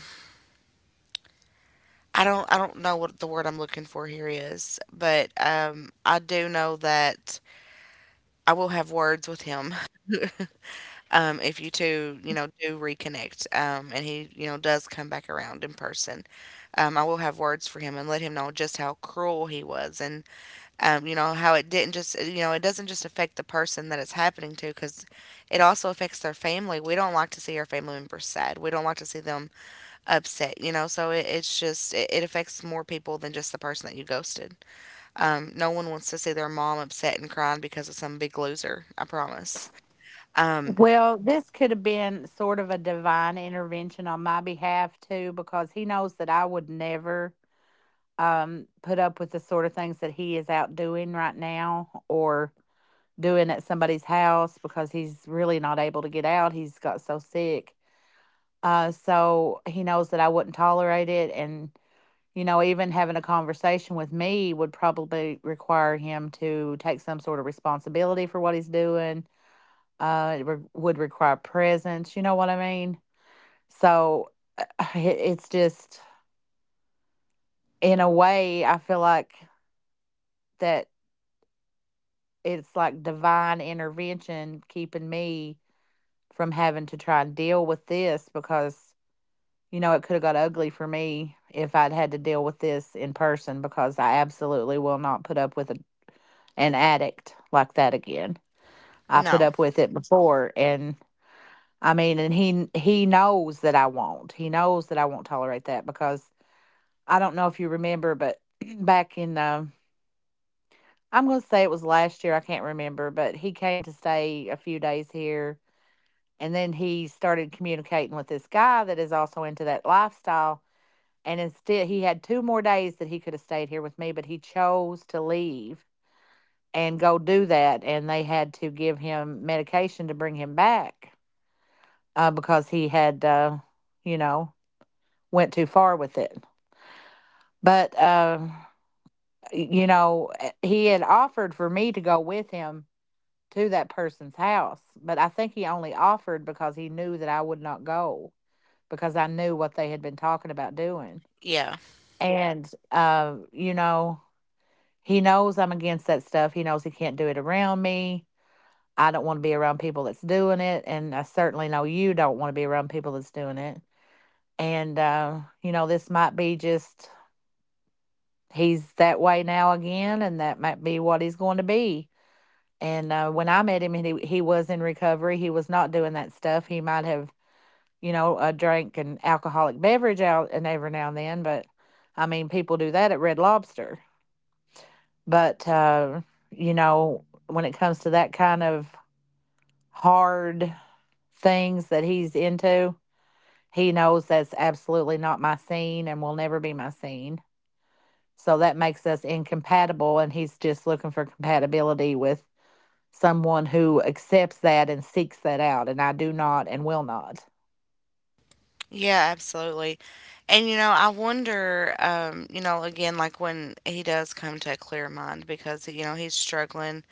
A: I don't know what the word I'm looking for here is, but I do know that I will have words with him. *laughs* If you two, do reconnect, and he, does come back around in person, I will have words for him and let him know just how cruel he was, and how it didn't just, it doesn't just affect the person that it's happening to, because it also affects their family. We don't like to see our family members sad. We don't like to see them upset, you know? So it affects more people than just the person that you ghosted. No one wants to see their mom upset and crying because of some big loser, I promise. Um,
B: Well, this could have been sort of a divine intervention on my behalf too, because he knows that I would never put up with the sort of things that he is out doing right now, or doing at somebody's house, because he's really not able to get out. He's got so sick. So he knows that I wouldn't tolerate it. And, you know, even having a conversation with me would probably require him to take some sort of responsibility for what he's doing. It would require presence. You know what I mean? So, uh, *sighs* it's just, in a way, I feel like that it's like divine intervention keeping me from having to try and deal with this, because, you know, it could have got ugly for me if I'd had to deal with this in person, because I absolutely will not put up with a, an addict like that again. I put
A: no.
B: up with it before, and I mean, and he knows that I won't. He knows that I won't tolerate that, because I don't know if you remember, but *clears throat* back in, I'm going to say it was last year. I can't remember, but he came to stay a few days here. And then he started communicating with this guy that is also into that lifestyle. And instead, he had two more days that he could have stayed here with me, but he chose to leave and go do that. And they had to give him medication to bring him back, because he had, you know, went too far with it. But you know, he had offered for me to go with him to that person's house, but I think he only offered because he knew that I would not go, because I knew what they had been talking about doing.
A: Yeah.
B: And, you know, he knows I'm against that stuff. He knows he can't do it around me. I don't want to be around people that's doing it. And I certainly know you don't want to be around people that's doing it. And, you know, this might be just, he's that way now again, and that might be what he's going to be. And, when I met him, he was in recovery. He was not doing that stuff. He might have, you know, drank an alcoholic beverage out and every now and then, but I mean, people do that at Red Lobster. But, you know, when it comes to that kind of hard things that he's into, he knows that's absolutely not my scene and will never be my scene. So that makes us incompatible, and he's just looking for compatibility with someone who accepts that and seeks that out. And I do not and will not.
A: Yeah, absolutely. And I wonder, again, like, when he does come to a clear mind, because he's struggling,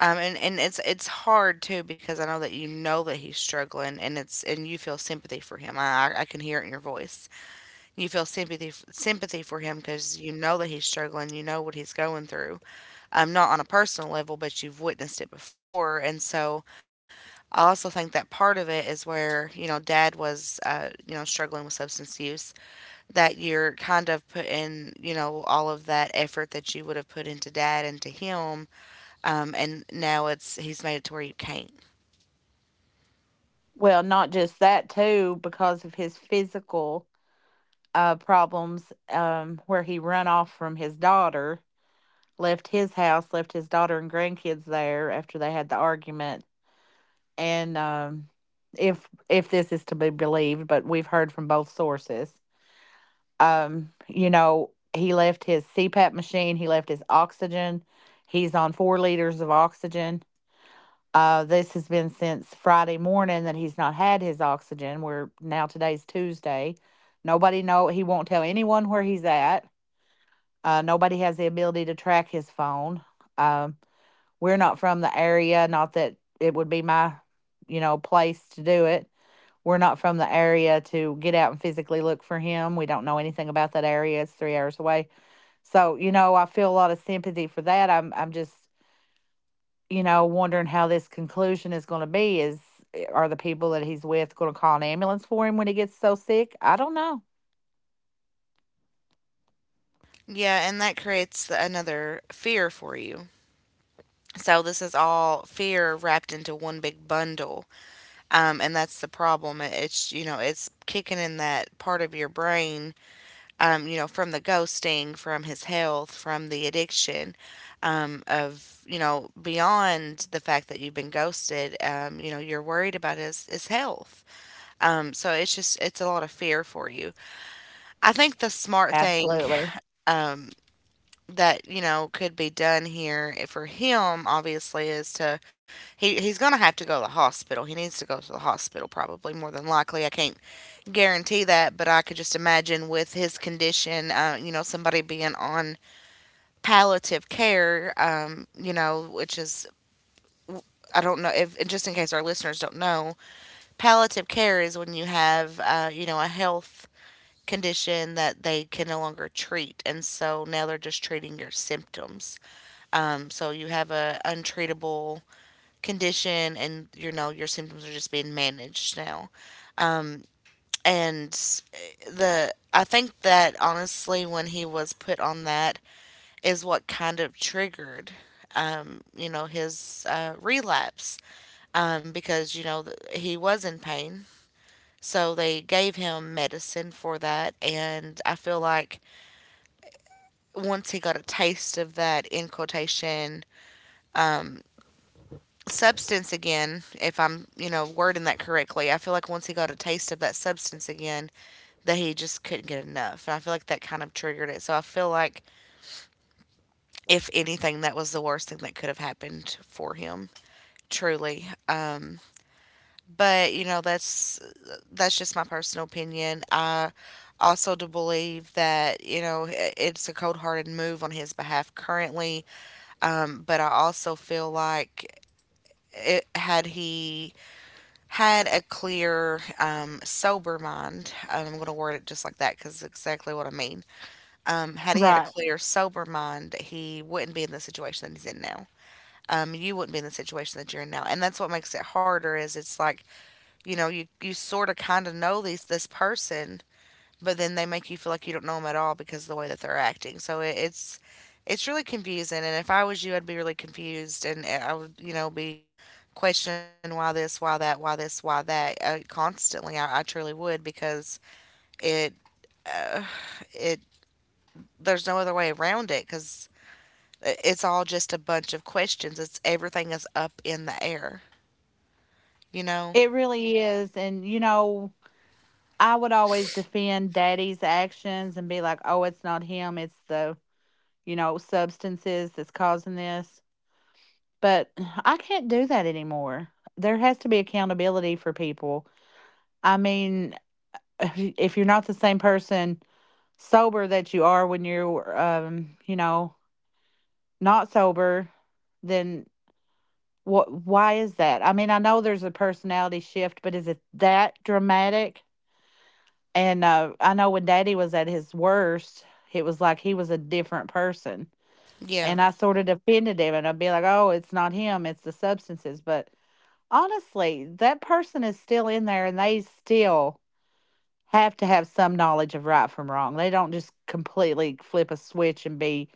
A: and it's hard too, because I know that you know that he's struggling, and it's and you feel sympathy for him. I can hear it in your voice. You feel sympathy for him because you know that he's struggling, you know what he's going through, not on a personal level, but you've witnessed it before, and so, I also think that part of it is where, you know, dad was, you know, struggling with substance use, that you're kind of putting, you know, all of that effort that you would have put into dad into him, and now it's he's made it to where you can't.
B: Well, not just that, too, because of his physical problems, where he run off from his daughter, left his house, left his daughter and grandkids there after they had the argument. And if this is to be believed, but we've heard from both sources, you know, he left his CPAP machine, he left his oxygen. He's on 4 liters of oxygen. This has been since Friday morning that he's not had his oxygen. We're now, today's Tuesday. Nobody know, he won't tell anyone where he's at. Nobody has the ability to track his phone. Um, we're not from the area. Not that it would be my, you know, place to do it. We're not from the area to get out and physically look for him. We don't know anything about that area. It's 3 hours away. So you know, I feel a lot of sympathy for that. I'm just, you know, wondering how this conclusion is going to be. Are the people that he's with going to call an ambulance for him when he gets so sick? I don't know.
A: Yeah, and that creates another fear for you. So, this is all fear wrapped into one big bundle. Um, and that's the problem. It's, you know, it's kicking in that part of your brain, you know, from the ghosting, from his health, from the addiction, of, you know, beyond the fact that you've been ghosted. You know, you're worried about his health. So it's just it's a lot of fear for you. I think the smart thing,
B: Absolutely.
A: um, that, you know, could be done here for him, obviously, is to he's gonna have to go to the hospital. He needs to go to the hospital, probably more than likely. I can't guarantee that, but I could just imagine with his condition, you know, somebody being on palliative care, you know, which is, I don't know if, and just in case our listeners don't know, palliative care is when you have, you know, a health condition that they can no longer treat, and so now they're just treating your symptoms. So you have a untreatable condition, and you know your symptoms are just being managed now. And the, I think that honestly when he was put on that is what kind of triggered, um, you know, his, relapse, um, because, you know, he was in pain, so they gave him medicine for that, and I feel like once he got a taste of that, in quotation, substance again, if I'm, you know, wording that correctly, I feel like once he got a taste of that substance again, that he just couldn't get enough. And I feel like that kind of triggered it. So I feel like, if anything, that was the worst thing that could have happened for him, truly. But you know, that's just my personal opinion. I also do believe that, you know, it's a cold-hearted move on his behalf currently. But I also feel like, it had he had a clear, sober mind. I'm going to word it just like that because it's exactly what I mean. Had he had a
B: Right.
A: clear, sober mind, he wouldn't be in the situation that he's in now. You wouldn't be in the situation that you're in now, and that's what makes it harder. Is, it's like, you know, you sort of kind of know these this person, but then they make you feel like you don't know them at all because of the way that they're acting. So it's really confusing. And if I was you, I'd be really confused, and I would, you know, be questioning why this, why that, why this, why that, constantly. I truly would, because it it there's no other way around it, because it's all just a bunch of questions. It's, everything is up in the air, you know.
B: It really is. And, you know, I would always defend daddy's actions and be like, oh, it's not him. It's the, you know, substances that's causing this. But *sighs* I can't do that anymore. There has to be accountability for people. I mean, *sighs* *laughs* if you're not the same person sober that you are when you're you know not sober, then what, why is that? I mean, I know there's a personality shift, but is it that dramatic? And uh, I know when daddy was at his worst, it was like he was a different person,
A: Yeah,
B: and I sort of defended him, and I'd be like, oh, it's not him, it's the substances. But honestly, that person is still in there, and they still have to have some knowledge of right from wrong. They don't just completely flip a switch and be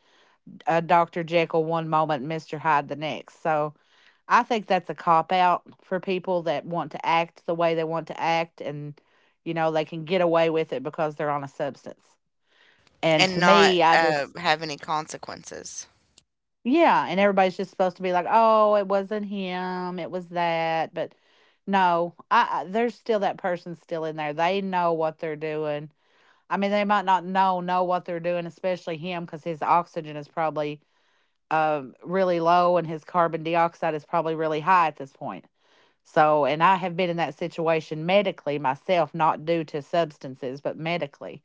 B: Dr. Jekyll one moment, Mr. Hyde the next. So I think that's a cop out for people that want to act the way they want to act, and, you know, they can get away with it because they're on a substance. And
A: and
B: to
A: not,
B: me, I just,
A: have any consequences.
B: yeah. And everybody's just supposed to be like, oh, it wasn't him, it was that. But no, I there's still that person still in there. They know what they're doing. I mean, they might not know know what they're doing, especially him, because his oxygen is probably really low and his carbon dioxide is probably really high at this point. So, and I have been in that situation medically myself, not due to substances, but medically.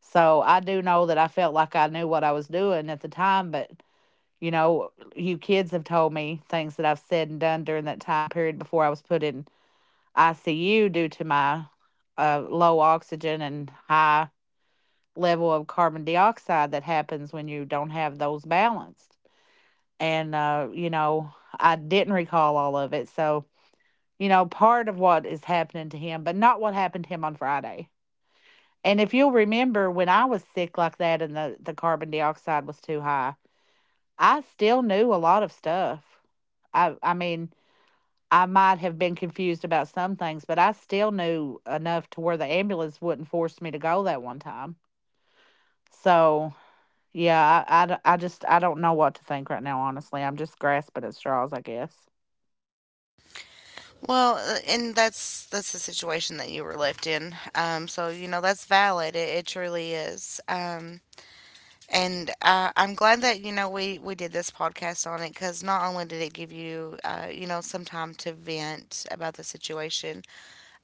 B: So I do know that I felt like I knew what I was doing at the time, but you know, you kids have told me things that I've said and done during that time period before I was put in ICU due to my low oxygen and high level of carbon dioxide that happens when you don't have those balanced. And, you know, I didn't recall all of it. So, you know, part of what is happening to him, but not what happened to him on Friday. And if you'll remember, when I was sick like that and the carbon dioxide was too high, I still knew a lot of stuff. I mean, I might have been confused about some things, but I still knew enough to where the ambulance wouldn't force me to go that one time. So, yeah, I just I don't know what to think right now, honestly. I'm just grasping at straws, I guess.
A: Well, and that's the situation that you were left in. So you know that's valid. It truly is. And, I'm glad that, you know, we did this podcast on it, because not only did it give you, you know, some time to vent about the situation,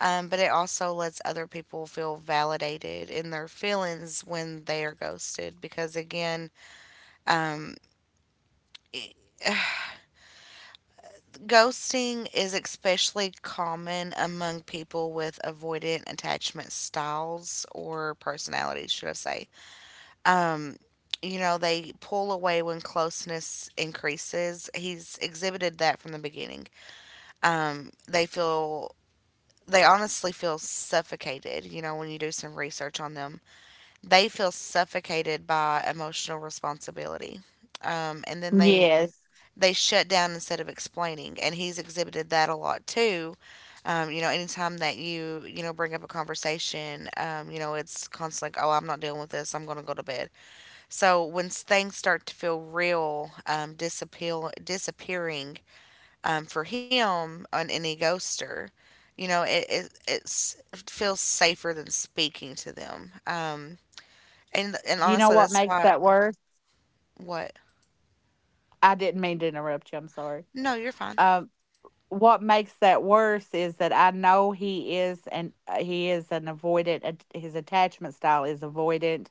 A: but it also lets other people feel validated in their feelings when they are ghosted. Because again, um, ghosting is especially common among people with avoidant attachment styles, or personalities, should I say. You know, they pull away when closeness increases. He's exhibited that from the beginning. Um, they feel. They honestly feel suffocated, you know, when you do some research on them. They feel suffocated by emotional responsibility. And then they
B: Yes.
A: they shut down instead of explaining. And he's exhibited that a lot too. You know, anytime that you know, bring up a conversation, you know, it's constantly like, oh, I'm not dealing with this. I'm going to go to bed. So when things start to feel real, disappearing, for him, on any ghoster, you know, it feels safer than speaking to them. And
B: You know
A: honestly,
B: what
A: that's
B: makes
A: why—
B: that worse?
A: what?
B: I didn't mean to interrupt you. I'm sorry.
A: No, you're fine.
B: Um, what makes that worse is that I know he is, and he is an avoidant. His attachment style is avoidant.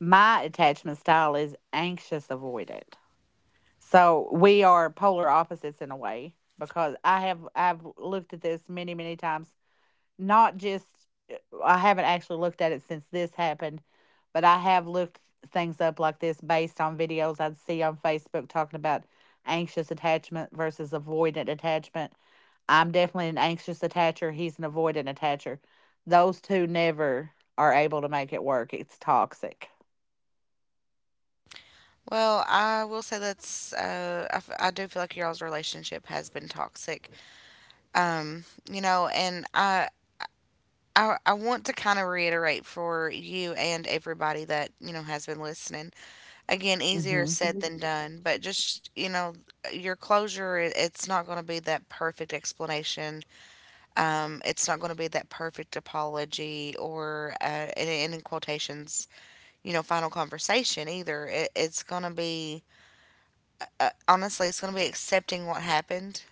B: My attachment style is anxious avoidant. So we are polar opposites in a way, because I've looked at this many many times. Not just well, I haven't actually looked at it since this happened, but I have looked things up like this based on videos I'd see on Facebook talking about anxious attachment versus avoidant attachment. I'm definitely an anxious attacher, he's an avoidant attacher. Those two never are able to make it work. It's toxic.
A: Well, I will say that's, I do feel like y'all's relationship has been toxic. Um, you know, and I want to kind of reiterate for you and everybody that, you know, has been listening. Again, easier
B: Hmm
A: said than done, but just, you know, your closure, it's not going to be that perfect explanation. It's not going to be that perfect apology or, and in quotations, you know, final conversation either. It's going to be, honestly, it's going to be accepting what happened,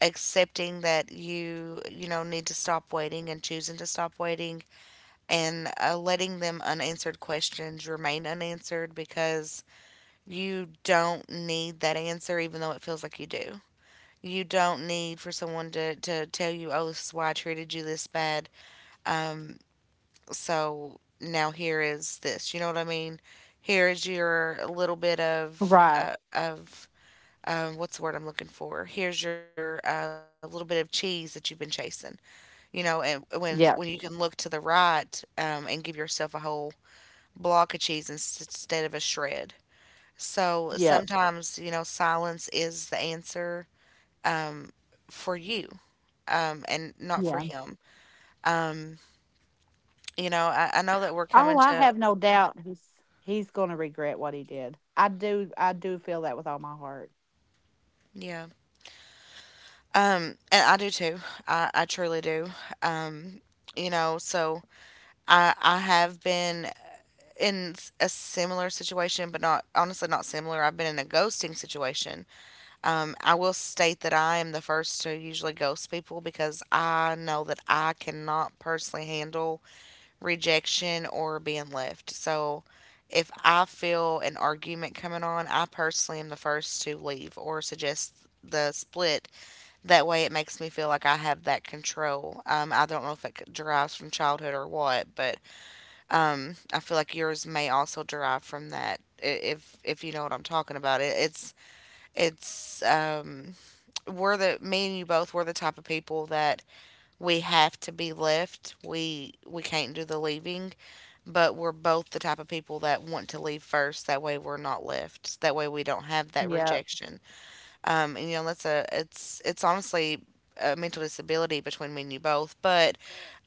A: accepting that you know, need to stop waiting and choosing to stop waiting, and, letting them unanswered questions remain unanswered, because you don't need that answer, even though it feels like you do. You don't need for someone to tell you, oh, this is why I treated you this bad. Um, so now here is this. You know what I mean? Here is your little bit of,
B: Right.
A: of, what's the word I'm looking for? Here's your, little bit of cheese that you've been chasing, you know, and when you
B: Yep.
A: can look to the right, and give yourself a whole block of cheese, instead of a shred. So
B: Yep.
A: sometimes, you know, silence is the answer, um, for you, and not for
B: Yeah.
A: him. You know, I know that we're
B: Oh,
A: coming
B: I
A: to,
B: have no doubt he's gonna regret what he did. I do feel that with all my heart.
A: yeah. And I do too. I truly do. Um, you know, so I have been in, a similar situation, but not, honestly not similar. I've been in a ghosting situation. I will state that I am the first to usually ghost people because I know that I cannot personally handle rejection or being left. So if I feel an argument coming on, I personally am the first to leave or suggest the split. That way, it makes me feel like I have that control. I don't know if derives from childhood or what, but I feel like yours may also derive from that, if you know what I'm talking about. It's it's um, we're the me and you both, we're the type of people that we have to be left. We can't do the leaving, but we're both the type of people that want to leave first. That way we're not left. That way we don't have that
B: Yep.
A: rejection. And you know, that's a, it's honestly a mental disability between me and you both. But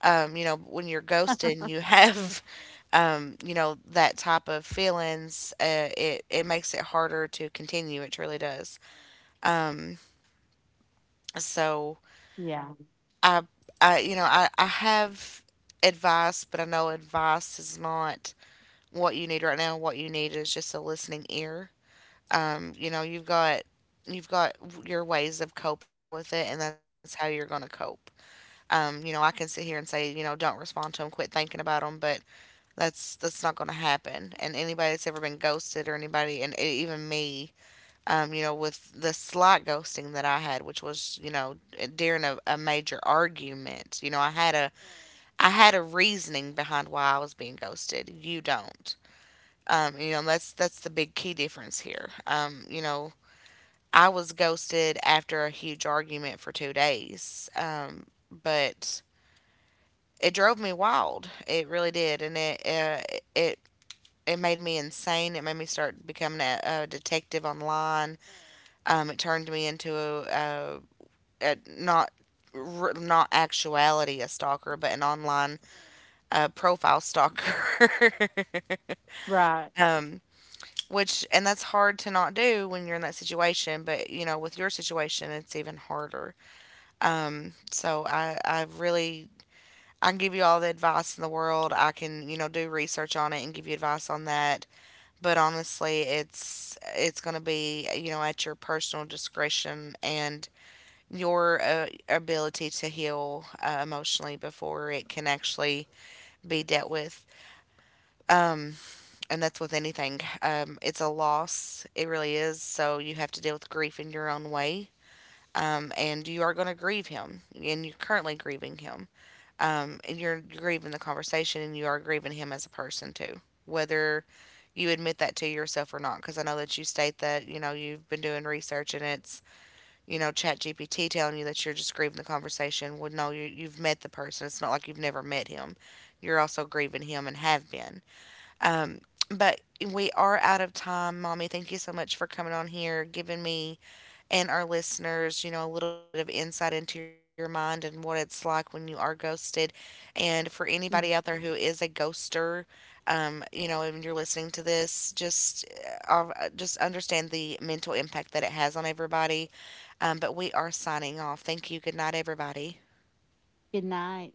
A: you know, when you're ghosted, you have *laughs* you know, that type of feelings. It makes it harder to continue. It truly does. So
B: Yeah,
A: I I you know I have advice, but I know advice is not what you need right now. What you need is just a listening ear. You know, you've got your ways of coping with it, and that's how you're going to cope. You know, I can sit here and say, you know, don't respond to them, quit thinking about them, but that's not going to happen. And anybody that's ever been ghosted, or anybody, and even me, you know, with the slight ghosting that I had, which was, you know, during a major argument, you know, I had a reasoning behind why I was being ghosted. You don't. You know, that's the big key difference here. You know, I was ghosted after a huge argument for 2 days. But it drove me wild. It really did, and it, it it made me insane. It made me start becoming a detective online. It turned me into a, not actuality a stalker, but an online, profile stalker.
B: right.
A: *laughs* Um, which, and that's hard to not do when you're in that situation. But you know, with your situation, it's even harder. So I really, I can give you all the advice in the world. I can, you know, do research on it and give you advice on that. But honestly, it's going to be, you know, at your personal discretion and your, ability to heal, emotionally before it can actually be dealt with. And that's with anything. It's a loss. It really is. So you have to deal with grief in your own way. And you are going to grieve him, and you're currently grieving him. Um, and you're grieving the conversation, and you are grieving him as a person too, whether you admit that to yourself or not, because I know that you state that, you know, you've been doing research and it's, you know, chat gpt telling you that you're just grieving the conversation. Well, no, you've met the person. It's not like you've never met him. You're also grieving him, and have been, um, but we are out of time, mommy. Thank you so much for coming on here, giving me and our listeners, you know, a little bit of insight into your mind and what it's like when you are ghosted. And for anybody
B: Mm.
A: out there who is a ghoster, you know, and you're listening to this, just, just understand the mental impact that it has on everybody. But we are signing off. Thank you. Good night, everybody.
B: Good night.